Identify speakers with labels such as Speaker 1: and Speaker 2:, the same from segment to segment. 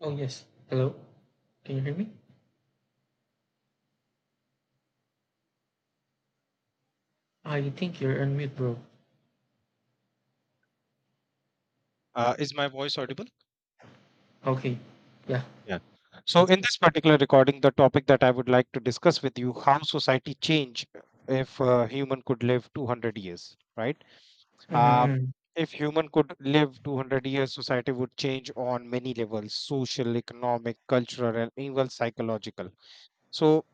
Speaker 1: Oh, yes. Hello. Can you hear me? I think you're on mute, bro.
Speaker 2: Is my voice audible?
Speaker 1: Okay. Yeah.
Speaker 2: Yeah. So in this particular recording, the topic that I would like to discuss with you, how society change if human could live 200 years, right? Uh,
Speaker 1: Mm-hmm.
Speaker 2: if human could live 200 years, society would change on many levels, social, economic, cultural, and even psychological. So,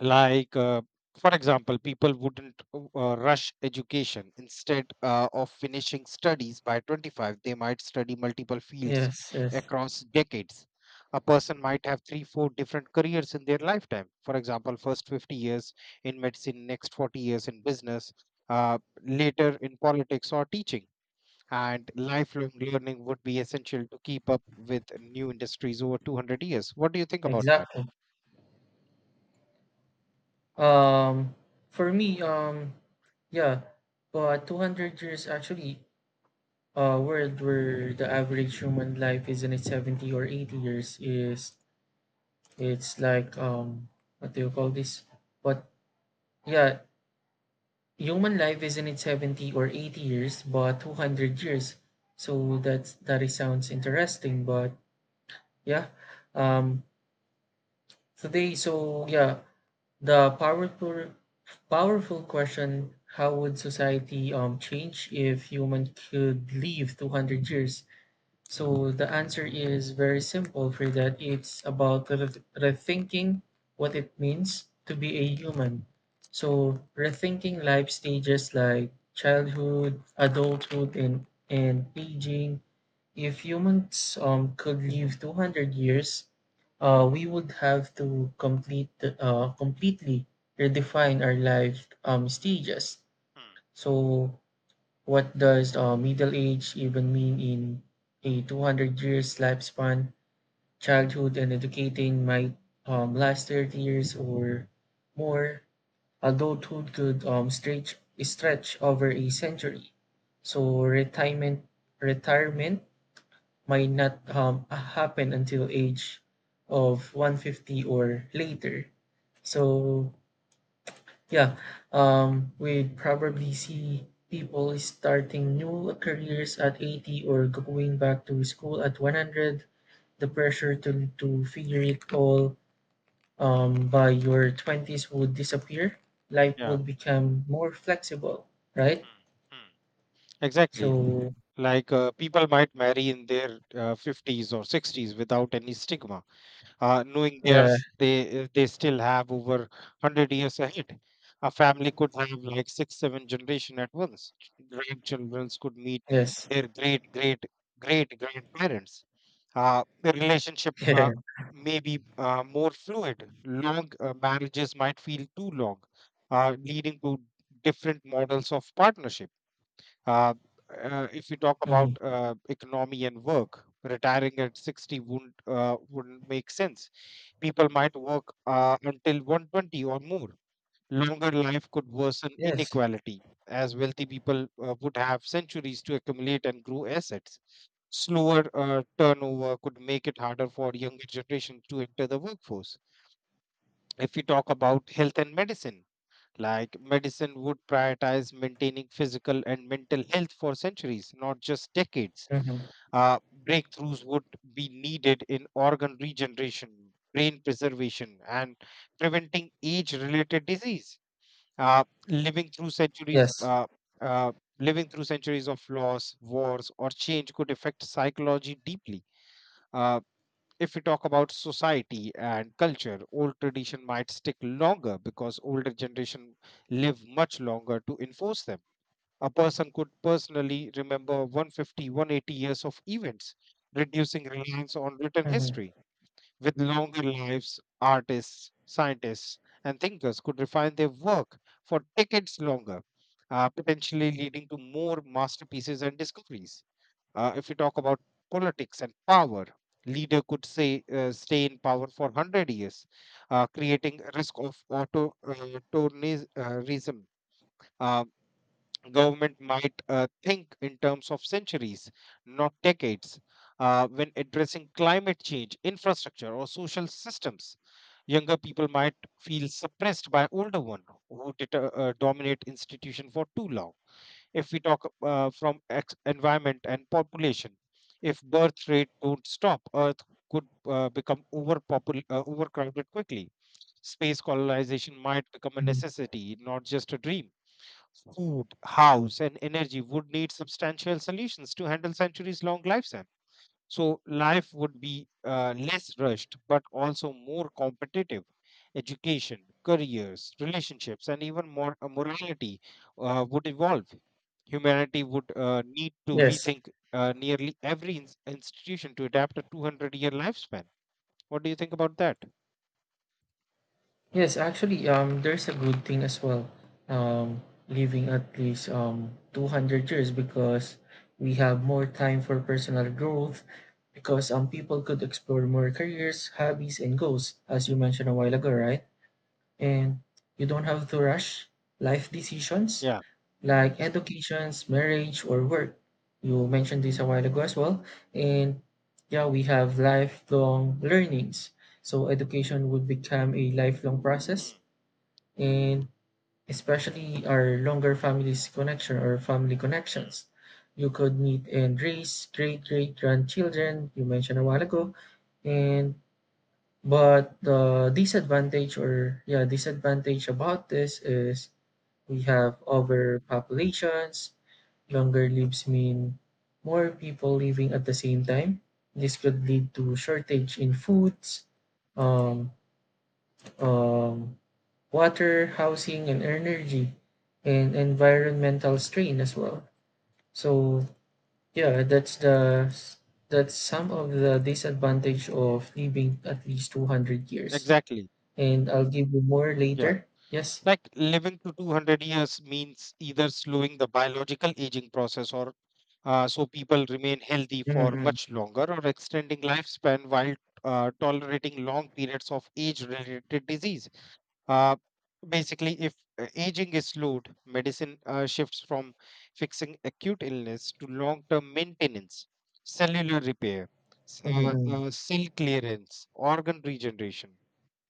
Speaker 2: like, for example, people wouldn't rush education, instead of finishing studies by 25, they might study multiple fields
Speaker 1: Yes, yes.
Speaker 2: across decades. A person might have three four different careers in their lifetime. For example, first 50 years in medicine, next 40 years in business, uh, later in politics or teaching. And lifelong learning would be essential to keep up with new industries over 200 years. What do you think about that?
Speaker 1: Exactly. Um, for me, yeah, 200 years actually, a world where the average human life is in its 70 or 80 years is, it's like, what do you call this? But yeah, human life isn't it 70 or 80 years but 200 years. So that's that is sounds interesting, but yeah, um today. So yeah, the powerful question, how would society change if human could live 200 years? So the answer is very simple, Frida. It's about rethinking what it means to be a human. So rethinking life stages like childhood, adulthood, and aging. If humans could live 200 years, we would have to completely redefine our life stages.
Speaker 2: Hmm.
Speaker 1: So what does middle age even mean in a 200 years lifespan? Childhood and educating might last 30 years or more. Adulthood could stretch over a century. So retirement might not happen until age of 150 or later. So yeah, we'd probably see people starting new careers at 80 or going back to school at 100. The pressure to figure it all by your 20s would disappear. Life
Speaker 2: Yeah.
Speaker 1: would become more flexible, right?
Speaker 2: Hmm. Hmm. Exactly.
Speaker 1: So,
Speaker 2: Like, people might marry in their 50s or 60s without any stigma, knowing
Speaker 1: yeah,
Speaker 2: there's they still have over 100 years ahead. A family could have like six seven generation at once. Grandchildren could meet
Speaker 1: yes,
Speaker 2: their great great great grandparents. Uh, the relationship
Speaker 1: yeah,
Speaker 2: may be more fluid. Long marriages might feel too long, leading to different models of partnership. uh, if you talk about
Speaker 1: mhm,
Speaker 2: economy and work, retiring at 60 wouldn't make sense. People might work until 120 or more. Longer life could worsen
Speaker 1: yes,
Speaker 2: inequality, as wealthy people would have centuries to accumulate and grow assets. Slower turnover could make it harder for younger generation to enter the workforce. If we talk about health and medicine, like medicine would prioritize maintaining physical and mental health for centuries, not just decades.
Speaker 1: mhm,
Speaker 2: Uh, Breakthroughs would be needed in organ regeneration, brain preservation, and preventing age-related disease. Living through centuries,
Speaker 1: yes,
Speaker 2: uh, living through centuries of loss, wars, or change could affect psychology deeply. Uh, if we talk about society and culture, old tradition might stick longer because older generation live much longer to enforce them. A person could personally remember 150, 180 years of events, reducing reliance on written
Speaker 1: mhm,
Speaker 2: history. With longer lives, artists, scientists, and thinkers could refine their work for decades longer, potentially leading to more masterpieces and discoveries. If you talk about politics and power, leader could say stay in power for 100 years, creating a risk of authoritarianism. Uh, Government might think in terms of centuries, not decades. When addressing climate change, infrastructure, or social systems, younger people might feel suppressed by older one who did, dominate institution for too long. If we talk from environment and population, if birth rate don't stop, earth could become overcrowded quickly. Space colonization might become a
Speaker 1: mhm,
Speaker 2: necessity, not just a dream. Food house and energy would need substantial solutions to handle centuries long lifespan. So life would be less rushed, but also more competitive. Education, careers, relationships, and even more morality would evolve. Humanity would need to
Speaker 1: yes.
Speaker 2: rethink nearly every institution to adapt a 200-year lifespan. What do you think about that?
Speaker 1: Yes, actually, there's a good thing as well. Living at least 200 years, because we have more time for personal growth, because people could explore more careers, hobbies, and goals, as you mentioned a while ago, right? And you don't have to rush life decisions
Speaker 2: Yeah.
Speaker 1: like educations, marriage, or work. You mentioned this a while ago as well. And yeah, we have lifelong learnings. So education would become a lifelong process,
Speaker 2: Mm,
Speaker 1: and especially our longer families connection or family
Speaker 2: mm.
Speaker 1: connections. You could meet and raise great great grandchildren, you mentioned a while ago, and but the disadvantage, or yeah, disadvantage about this is we have overpopulations. Longer lives mean more people living at the same time. This could lead to shortage in foods, um, um, water, housing, and energy, and environmental strain as well. So yeah, that's some of the disadvantage of living at least 200 years,
Speaker 2: Exactly.
Speaker 1: and I'll give you more
Speaker 2: Yeah.
Speaker 1: later. Yes.
Speaker 2: Like living to 200 years means either slowing the biological aging process, or so people remain healthy for
Speaker 1: Mm-hmm.
Speaker 2: much longer, or extending lifespan while tolerating long periods of age related disease. Uh, Basically, if aging is slowed, medicine shifts from fixing acute illness to long term maintenance, cellular repair,
Speaker 1: Mm-hmm.
Speaker 2: cell clearance, organ regeneration,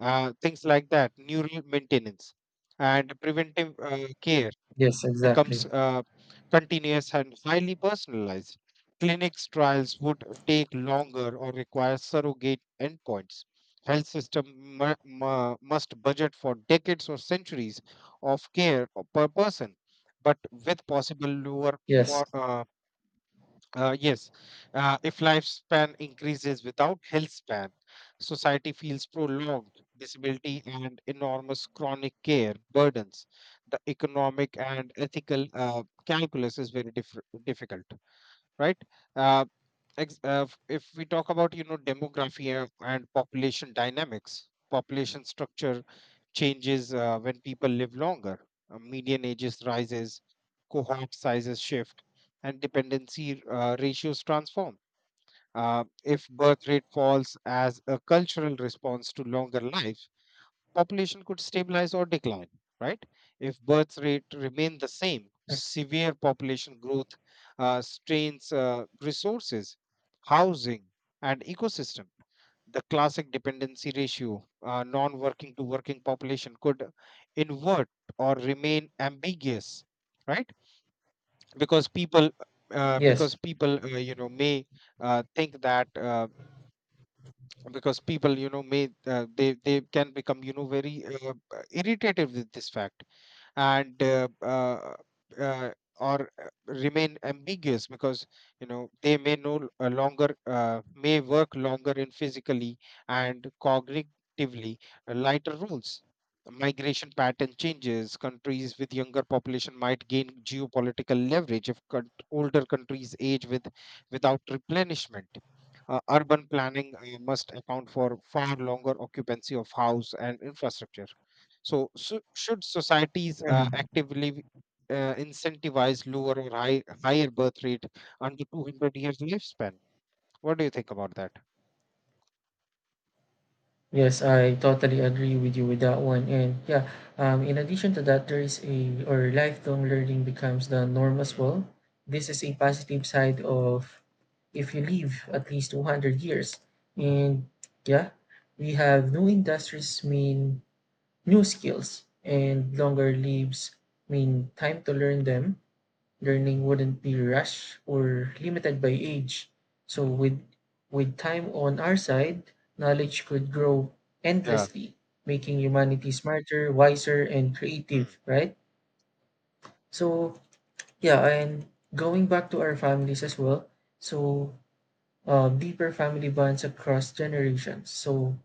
Speaker 2: things like that, neural maintenance and preventive care
Speaker 1: Yes,
Speaker 2: becomes
Speaker 1: exactly.
Speaker 2: continuous and highly personalized. Clinics trials would take longer or require surrogate endpoints. Health system must budget for decades or centuries of care per person, but with possible lower,
Speaker 1: Yes.
Speaker 2: yes, if lifespan increases without health span, society feels prolonged disability and enormous chronic care burdens. The economic and ethical calculus is very difficult, right? Uh, if we talk about, you know, demography and population dynamics, population structure changes when people live longer. Median ages rises, cohort sizes shift, and dependency ratios transform. uh, if birth rate falls as a cultural response to longer life, population could stabilize or decline, right? If birth rate remained the same,
Speaker 1: Mm.
Speaker 2: severe population growth strains resources, housing, and ecosystem. The classic dependency ratio, non working to working population, could invert or remain ambiguous, right? Because people uh,
Speaker 1: Yes.
Speaker 2: because people uh, you know, may think that, because people, you know, may they can become, you know, very irritated with this fact, and uh, or remain ambiguous because, you know, they may no longer may work longer in physically and cognitively lighter roles. Migration pattern changes. Countries with younger population might gain geopolitical leverage if older countries age with without replenishment. Urban planning must account for far longer occupancy of house and infrastructure, so should societies
Speaker 1: Hmm.
Speaker 2: actively incentivize lower or higher birth rate under 200 years lifespan? What do you think about that?
Speaker 1: Yes, I totally agree with you with that one. And yeah, in addition to that, there is a or lifelong learning becomes the norm
Speaker 2: Mm,
Speaker 1: as
Speaker 2: mm.
Speaker 1: well. This is a positive side of if you live at least 200 years. And yeah, we have new industries mean new skills, and longer lives mean time to learn them. Learning wouldn't be rushed or limited by age. So with time on our side, knowledge could grow
Speaker 2: Yeah.
Speaker 1: endlessly, making humanity smarter, wiser, and
Speaker 2: Mm.
Speaker 1: creative, right? So yeah, and going back to our families as well. So deeper family bonds across generations. So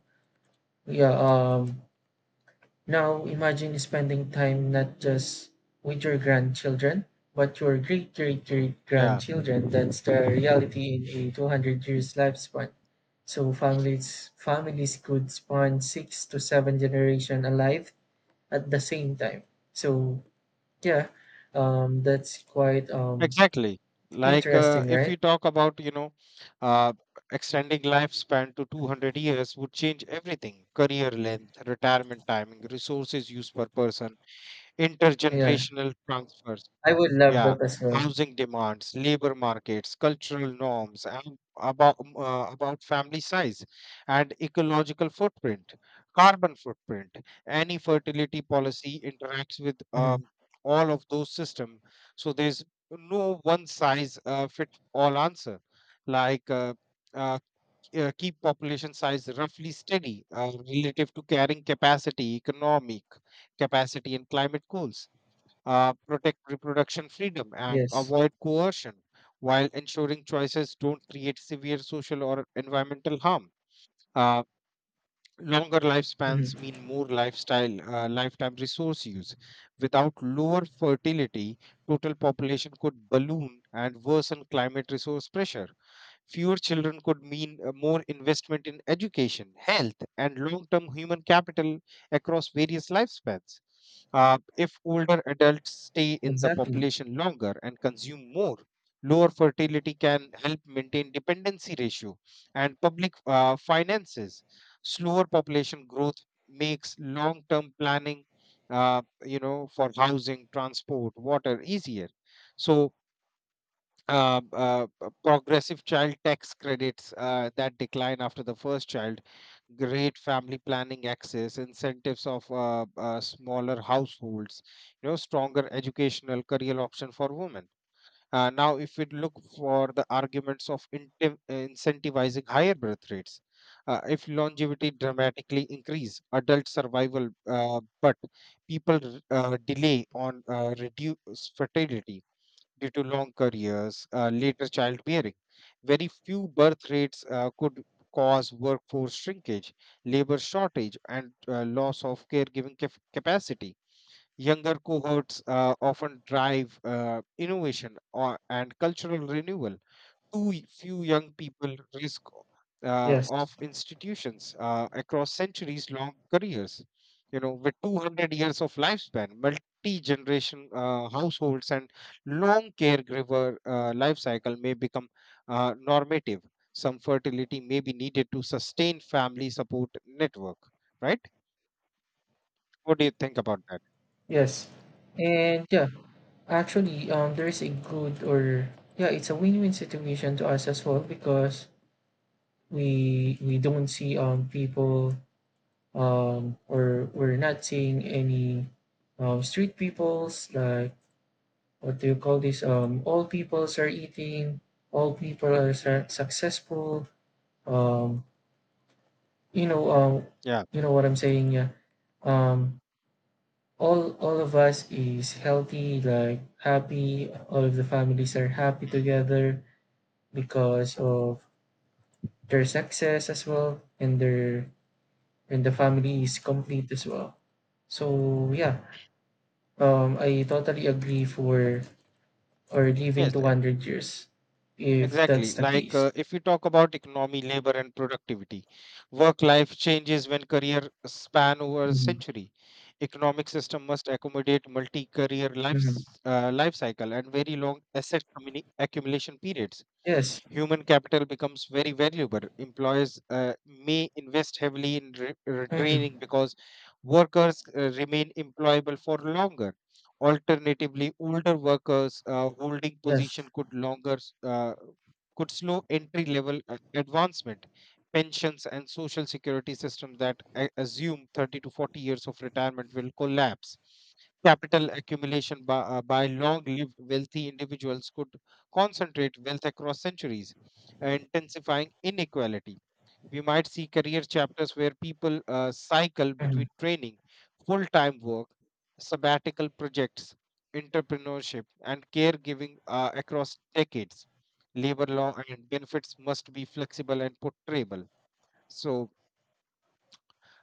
Speaker 1: yeah, now imagine spending time not just with your grandchildren, but your great great great
Speaker 2: Yeah,
Speaker 1: grandchildren. That's the reality in a 200 years lifespan. So families could span six to seven generation alive at the same time. So yeah, that's quite
Speaker 2: exactly. Like,
Speaker 1: interesting,
Speaker 2: if
Speaker 1: right?
Speaker 2: we talk about, you know, uh, extending lifespan to 200 years would change everything. Career length, retirement timing, resources used per person,
Speaker 1: Yeah,
Speaker 2: intergenerational transfers.
Speaker 1: I would love
Speaker 2: Yeah,
Speaker 1: that as well.
Speaker 2: housing demands, labor markets, cultural norms, and about family size and ecological footprint, carbon footprint. Any fertility policy interacts with
Speaker 1: Mhm.
Speaker 2: all of those systems. So there's no one size fit all answer. Like, uh, keep population size roughly steady relative to carrying capacity, economic capacity, and climate goals. Protect reproduction freedom and
Speaker 1: Yes.
Speaker 2: avoid coercion while ensuring choices don't create severe social or environmental harm. Uh, Longer lifespans
Speaker 1: Mhm.
Speaker 2: mean more lifetime resource use. Without lower fertility, total population could balloon and worsen climate resource pressure. Fewer children could mean more investment in education, health, and long term human capital across various lifespans. If older adults stay in the
Speaker 1: Exactly.
Speaker 2: population longer and consume more, lower fertility can help maintain dependency ratio and public finances. Slower population growth makes long term planning, you know, for housing, transport, water easier. So progressive child tax credits that decline after the first child, great family planning access, incentives of smaller households, you know, stronger educational career option for women. Now, if we look for the arguments of incentivizing higher birth rates, if longevity dramatically increase adult survival, but people delay on reduce fertility due to long careers, later childbearing. Very few birth rates could cause workforce shrinkage, labor shortage, and loss of caregiving capacity. Younger cohorts often drive innovation and cultural renewal. Too few young people risk
Speaker 1: Yes,
Speaker 2: of institutions across centuries long careers. You know, with 200 years of lifespan, multi generation households and long caregiver life cycle may become normative. Some fertility may be needed to sustain family support network, right? What do you think about that?
Speaker 1: yes, and yeah. Actually, there is a good or yeah, it's a win-win situation to us as well, because we don't see people, or we're not seeing any street peoples, like what do you call this, all peoples are eating, all people are
Speaker 2: Mm.
Speaker 1: successful, um you know um
Speaker 2: Yeah.
Speaker 1: you know what I'm saying, yeah, um all of us is healthy, like happy, all of the families are happy together because of their success as well, and their and the family is complete as well. So yeah, I totally agree for or living
Speaker 2: Yes.
Speaker 1: to 100 years if
Speaker 2: Exactly.
Speaker 1: that's the
Speaker 2: Like,
Speaker 1: case.
Speaker 2: if we talk about economy, labor, and productivity, work life changes when career span over a
Speaker 1: Mhm.
Speaker 2: century. Economic system must accommodate multi-career
Speaker 1: Mhm.
Speaker 2: life cycle and very long asset accumulation periods.
Speaker 1: Yes.
Speaker 2: Human capital becomes very valuable. Employers may invest heavily in
Speaker 1: Mhm.
Speaker 2: retraining because workers remain employable for longer. Alternatively, older workers holding
Speaker 1: Yes.
Speaker 2: position could slow entry level advancement. Pensions and social security systems that assume 30 to 40 years of retirement will collapse. Capital accumulation by long lived wealthy individuals could concentrate wealth across centuries, intensifying inequality. We might see career chapters where people cycle
Speaker 1: Mhm.
Speaker 2: between training, full time work, sabbatical projects, entrepreneurship, and caregiving across decades. Labor law and benefits must be flexible and portrayable. So,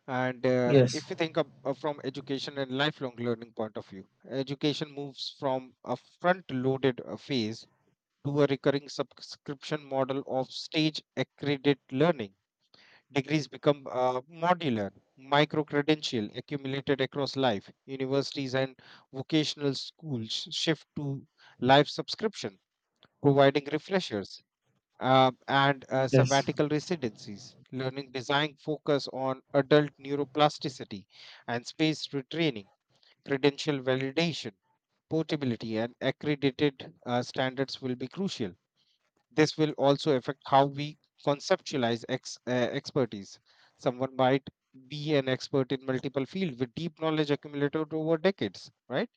Speaker 2: and
Speaker 1: Yes.
Speaker 2: if you think of, from education and lifelong learning point of view, education moves from a front loaded phase to a recurring subscription model of stage accredited learning. Degrees become modular, micro credential accumulated across life. Universities and vocational schools shift to life subscription, providing refreshers and
Speaker 1: Yes.
Speaker 2: sabbatical residencies. Learning design focus on adult neuroplasticity and space retraining, credential validation, portability, and accredited standards will be crucial. This will also affect how we conceptualize expertise. Someone might be an expert in multiple fields with deep knowledge accumulated over decades, right?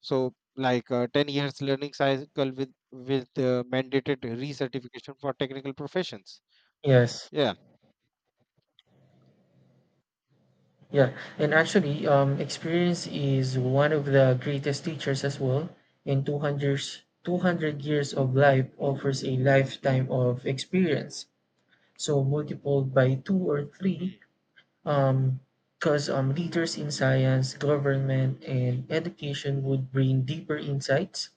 Speaker 2: So, like, 10 years learning cycle with mandated recertification for technical professions.
Speaker 1: Yes.
Speaker 2: Yeah.
Speaker 1: Yeah. And actually, experience is one of
Speaker 2: Mm,
Speaker 1: the greatest teachers as well. And 200 years, 200 years of life offers a
Speaker 2: mm,
Speaker 1: lifetime of experience, so multiplied by two or three,
Speaker 2: mm,
Speaker 1: because leaders in science, government, and education would bring deeper
Speaker 2: mm.
Speaker 1: insights.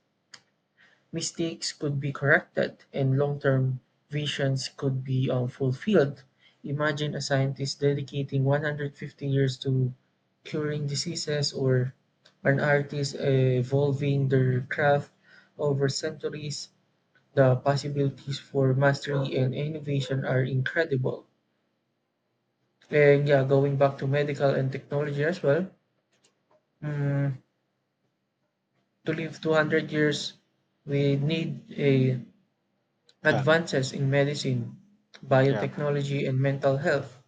Speaker 1: Mistakes could be corrected, and long-term visions could be fulfilled. Imagine a scientist dedicating 150 years to curing diseases, or an artist evolving their craft over centuries. The possibilities for mastery and innovation are incredible. And yeah, going back to medical and technology as well, mm, to live 200 years, we need a
Speaker 2: Yeah.
Speaker 1: advances in medicine,
Speaker 2: Yeah.
Speaker 1: biotechnology, and mental health.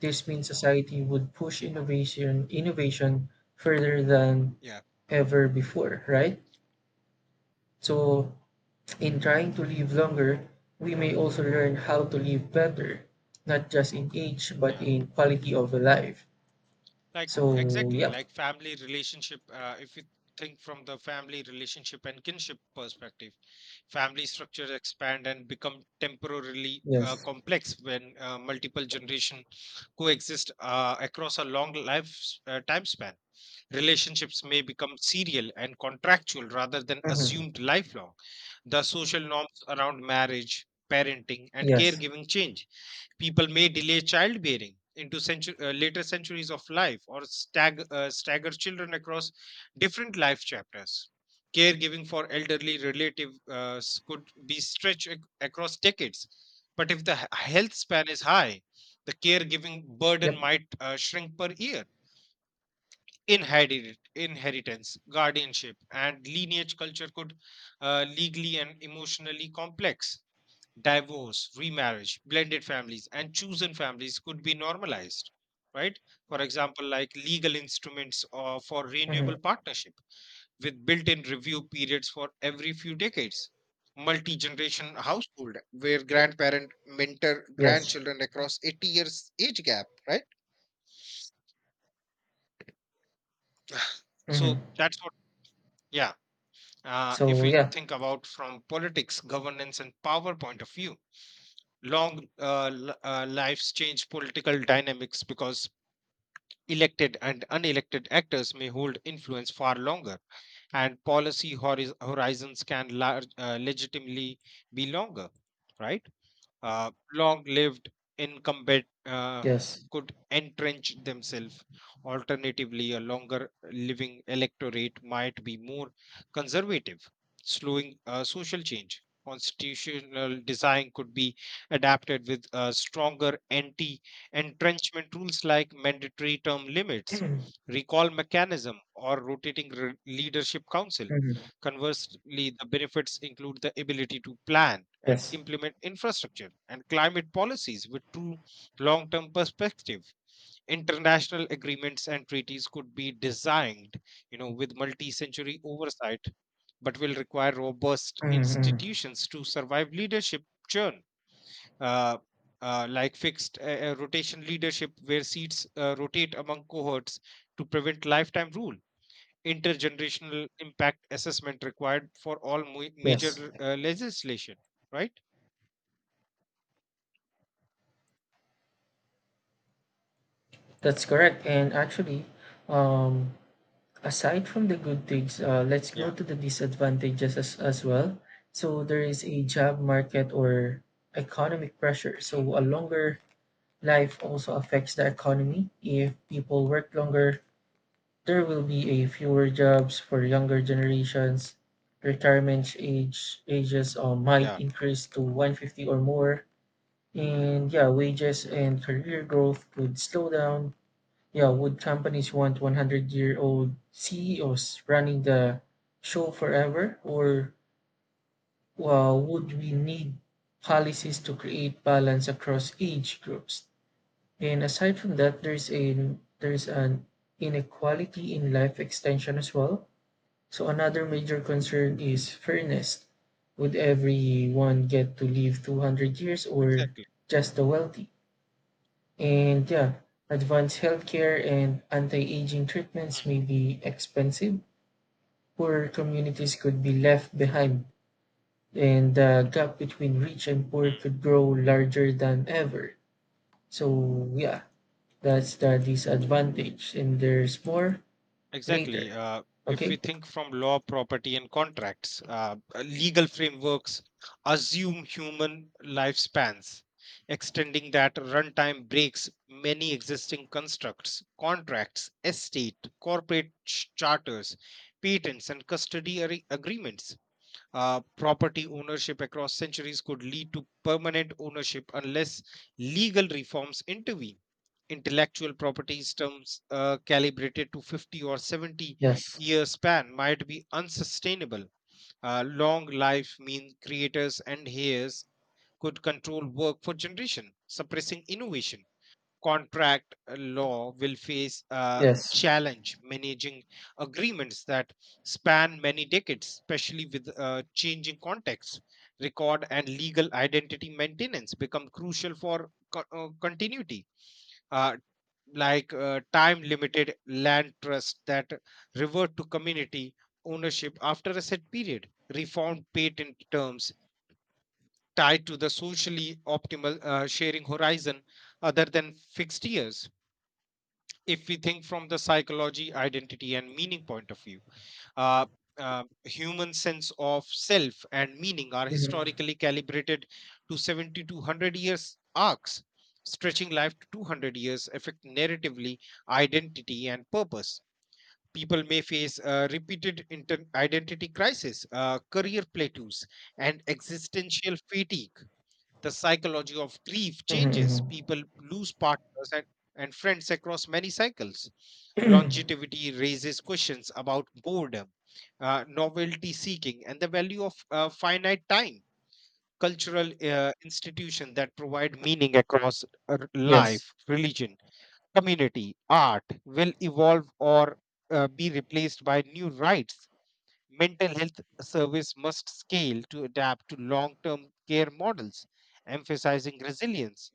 Speaker 1: This means society would push innovation further than
Speaker 2: Yeah.
Speaker 1: ever before, right? So, in trying to live longer, we may also learn how to live better, not just in age, but
Speaker 2: Yeah.
Speaker 1: in quality of life.
Speaker 2: like
Speaker 1: So,
Speaker 2: exactly
Speaker 1: yep.
Speaker 2: like family relationship. If you think from the family relationship and kinship perspective, family structures expand and become temporarily
Speaker 1: Yes.
Speaker 2: complex when multiple generation coexist across a long life time span. Relationships may become serial and contractual rather than
Speaker 1: Hmm.
Speaker 2: assumed lifelong. The social norms around marriage, parenting and
Speaker 1: Yes.
Speaker 2: caregiving change. People may delay childbearing into later centuries of life, or stagger children across different life chapters. Caregiving for elderly relatives could be stretched across decades. But if the health span is high, the caregiving
Speaker 1: Yep.
Speaker 2: burden might shrink per year. Inheritance, guardianship, and lineage culture could legally and emotionally complex. Divorce, remarriage, blended families, and chosen families could be normalized, right? For example, like legal instruments for
Speaker 1: Hmm.
Speaker 2: renewable partnership with built in review periods for every few decades, multi generation household where grandparent mentor
Speaker 1: Yes.
Speaker 2: grandchildren across 80 years age gap, right?
Speaker 1: Hmm.
Speaker 2: So that's what, yeah. If
Speaker 1: So
Speaker 2: we
Speaker 1: yeah.
Speaker 2: think about from politics, governance, and power point of view, lives change political dynamics because elected and unelected actors may hold influence far longer, and horizons can legitimately be longer, right? Long-lived incumbent
Speaker 1: Yes.
Speaker 2: could entrench themselves. Alternatively, a longer-living electorate might be more conservative, slowing social change. Constitutional design could be adapted with stronger anti-entrenchment rules, like mandatory term limits, recall mechanism, or leadership council.
Speaker 1: Hmm.
Speaker 2: Conversely, the benefits include the ability to plan and
Speaker 1: Yes.
Speaker 2: implement infrastructure and climate policies with true long term perspective. International agreements and treaties could be designed, with multi century oversight, but will require robust
Speaker 1: Hmm.
Speaker 2: institutions to survive leadership churn. Uh, like fixed rotation leadership, where seats rotate among cohorts to prevent lifetime rule, intergenerational impact assessment required for all
Speaker 1: Yes.
Speaker 2: major legislation, right?
Speaker 1: That's correct. And actually, um, aside from the good things, let's go
Speaker 2: Yeah,
Speaker 1: to the disadvantages, as well. So there is a job market or economic pressure. So a longer life also affects the economy. If people work longer, there will be a fewer jobs for younger generations. Retirement age ages might
Speaker 2: yeah,
Speaker 1: increase to 150 or more. And yeah, wages and career growth could slow down. Yeah, would companies want 100-year-old CEOs running the show forever? Or would we need policies to create balance across age groups? And aside from that, there's an inequality in life extension as well. So another major concern is fairness. Would everyone get to live 200 years, or
Speaker 2: exactly.
Speaker 1: just the wealthy? And yeah, advanced healthcare and anti-aging
Speaker 2: Mm,
Speaker 1: treatments may be expensive. Poor communities could be left behind, and the gap between rich and poor
Speaker 2: mm.
Speaker 1: could grow larger than ever. So yeah, that's the disadvantage, and there's more
Speaker 2: Exactly.
Speaker 1: later.
Speaker 2: If we
Speaker 1: Okay?
Speaker 2: think from law, property, and contracts, legal frameworks assume human lifespans. Extending that runtime breaks many existing constructs, contracts, estate, corporate charters, patents, and custody agreements. Property ownership across centuries could lead to permanent ownership unless legal reforms intervene. Intellectual property terms calibrated to 50 or 70
Speaker 1: Yes.
Speaker 2: year span might be unsustainable. Long life means creators and heirs could control work for generation, suppressing innovation. Contract law will face a
Speaker 1: Yes.
Speaker 2: challenge managing agreements that span many decades, especially with changing contexts. Record and legal identity maintenance become crucial for continuity. Uh, like time limited land trusts that revert to community ownership after a set period, reformed patent terms tied to the socially optimal sharing horizon other than fixed years. If we think from the psychology, identity and meaning point of view, uh, human sense of self and meaning are
Speaker 1: Mhm.
Speaker 2: historically calibrated to 70 to 100 years arcs. Stretching life to 200 years affect narratively identity and purpose. People may face repeated identity crisis, career plateaus, and existential fatigue. The psychology of grief changes.
Speaker 1: Mhm,
Speaker 2: People lose partners and friends across many cycles.
Speaker 1: mhm.
Speaker 2: Longevity raises questions about boredom, novelty seeking, and the value of finite time. Cultural institutions that provide meaning across
Speaker 1: Yes,
Speaker 2: life, religion, community, art will evolve or be replaced by new rights. Mental health service must scale to adapt to long term care models, emphasizing resilience,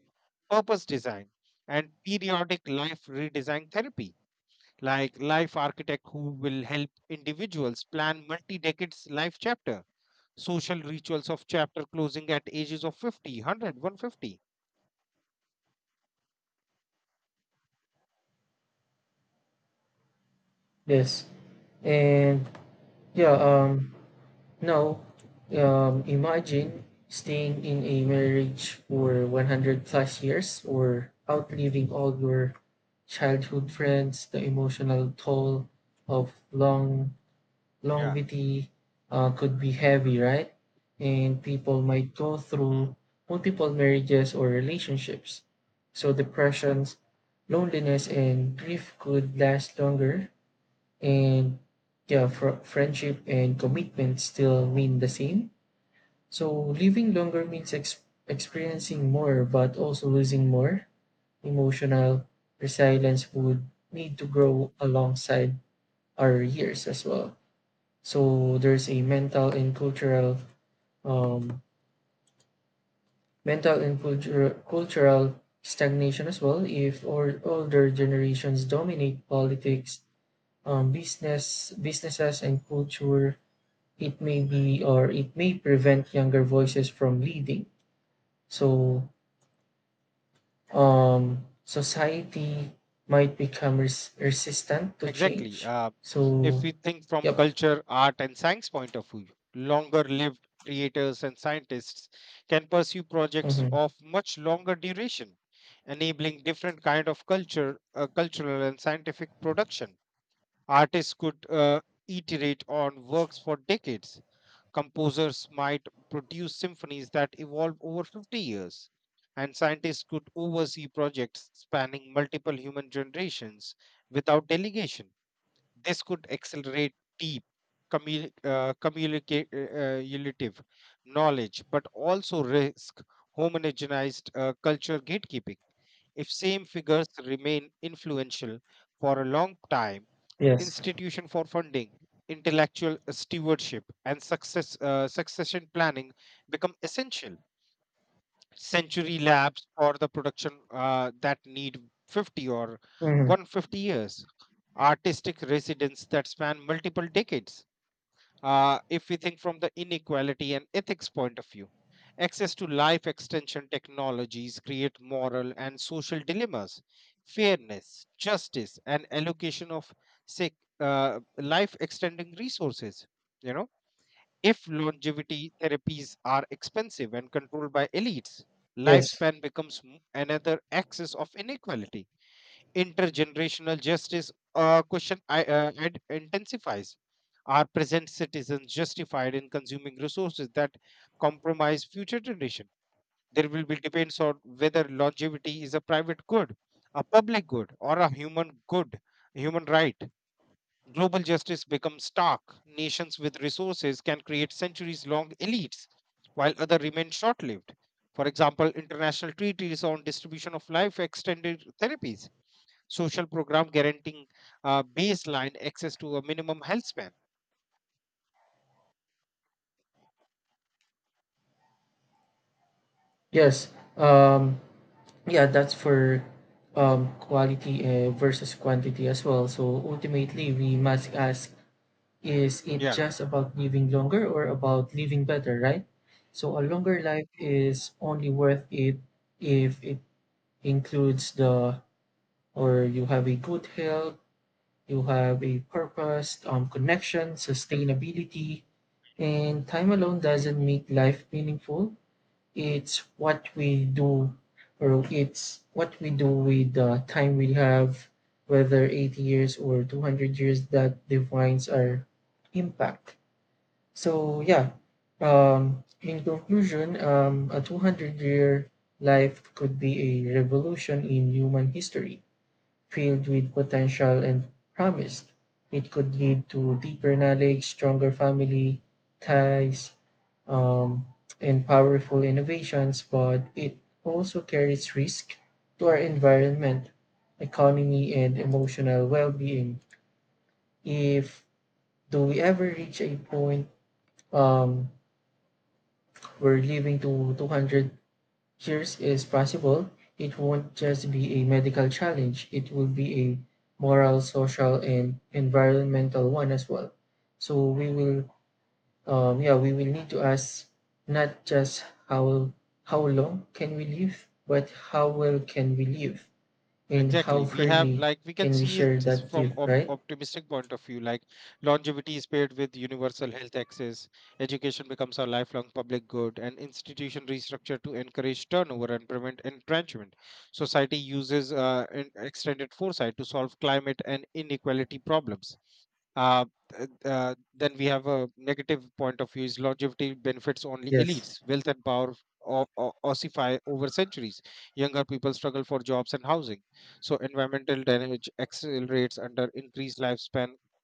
Speaker 2: purpose design, and periodic life redesign therapy, like Life Architect, who will help individuals plan multi decades life chapter, social rituals of chapter closing at ages of 50, 100, 150.
Speaker 1: yes. And yeah, now, imagine staying in a marriage for 100 plus years, or outliving all your childhood friends. The emotional toll of
Speaker 2: Yeah.
Speaker 1: longevity could be heavy, right? And people might go
Speaker 2: Hmm,
Speaker 1: through multiple marriages or relationships. So depressions, loneliness, and grief could last longer, and yeah, friendship
Speaker 2: hmm,
Speaker 1: and commitment still mean the same. So living longer means
Speaker 2: hmm.
Speaker 1: experiencing more, but also losing more. Emotional resilience would need to grow alongside our years as well. So there's a um, mental and cultural stagnation as well. If or older generations dominate politics, businesses, and culture, it may be or it may prevent younger voices from leading. So society might become resistant to
Speaker 2: Exactly.
Speaker 1: change.
Speaker 2: If
Speaker 1: So,
Speaker 2: we think from
Speaker 1: yep.
Speaker 2: culture, art, and science point of view, longer lived creators and scientists can pursue projects
Speaker 1: Hmm.
Speaker 2: of much longer duration, enabling different kind of cultural and scientific production. Artists could iterate on works for decades. Composers might produce symphonies that evolve over 50 years. And scientists could oversee projects spanning multiple human generations without delegation. This could accelerate deep commu- communicate relative knowledge, but also risk homogenized culture gatekeeping. If same figures remain influential for a long time,
Speaker 1: Yes.
Speaker 2: institution for funding, intellectual stewardship, and succession planning become essential. Century labs for the production that need 50 or
Speaker 1: Hmm.
Speaker 2: 150 years, artistic residents that span multiple decades. If we think from the inequality and ethics point of view, access to life extension technologies create moral and social dilemmas, fairness, justice and allocation of say, life extending resources, you know if longevity therapies are expensive and controlled by elites,
Speaker 1: Yes.
Speaker 2: lifespan becomes another axis of inequality. Intergenerational justice question intensifies. Are present citizens justified in consuming resources that compromise future generation? There will be debates on whether longevity is a private good, a public good, or a human good, human right. Global justice becomes stark. Nations with resources can create centuries long elites, while others remain short lived. For example, international treaties on distribution of life extended therapies, social program guaranteeing baseline access to a minimum health span.
Speaker 1: Yes. Um, yeah, that's for quality versus quantity as well. So ultimately, we must ask, is it
Speaker 2: Yeah.
Speaker 1: just about living longer or about living better, right? So a longer life is only worth it if it includes the or you have a good health, you have a purpose, connection, sustainability, and time alone doesn't make life meaningful. It's what we do, or it's what we do with the time we have, whether 80 years or 200 years, that defines our impact. So yeah, in conclusion, a 200-year life could be a revolution in human history, filled with potential and promise. It could lead to deeper knowledge, stronger family ties, um, and powerful innovations, but it also carries risk to our environment, economy, and emotional well-being. If do we ever reach a point um, where living to 200 years is possible, it won't just be a medical challenge, it will be a moral, social, and environmental one as well. So we will, yeah, we will need to ask not just how long can we live, but how well can we live, and how
Speaker 2: Exactly. We have
Speaker 1: fairly
Speaker 2: like we can
Speaker 1: can we
Speaker 2: see it
Speaker 1: share
Speaker 2: s-
Speaker 1: that
Speaker 2: from
Speaker 1: gift,
Speaker 2: op
Speaker 1: right?
Speaker 2: optimistic point of view. Like longevity is paired with universal health access, education becomes a lifelong public good, and institution restructure to encourage turnover and prevent entrenchment. Society uses an extended foresight to solve climate and inequality problems. Uh, then we have a negative point of view is longevity benefits only
Speaker 1: Yes.
Speaker 2: elites. Wealth and power ossify over centuries. Younger people struggle for jobs and housing, so environmental damage accelerates under increased lifespan,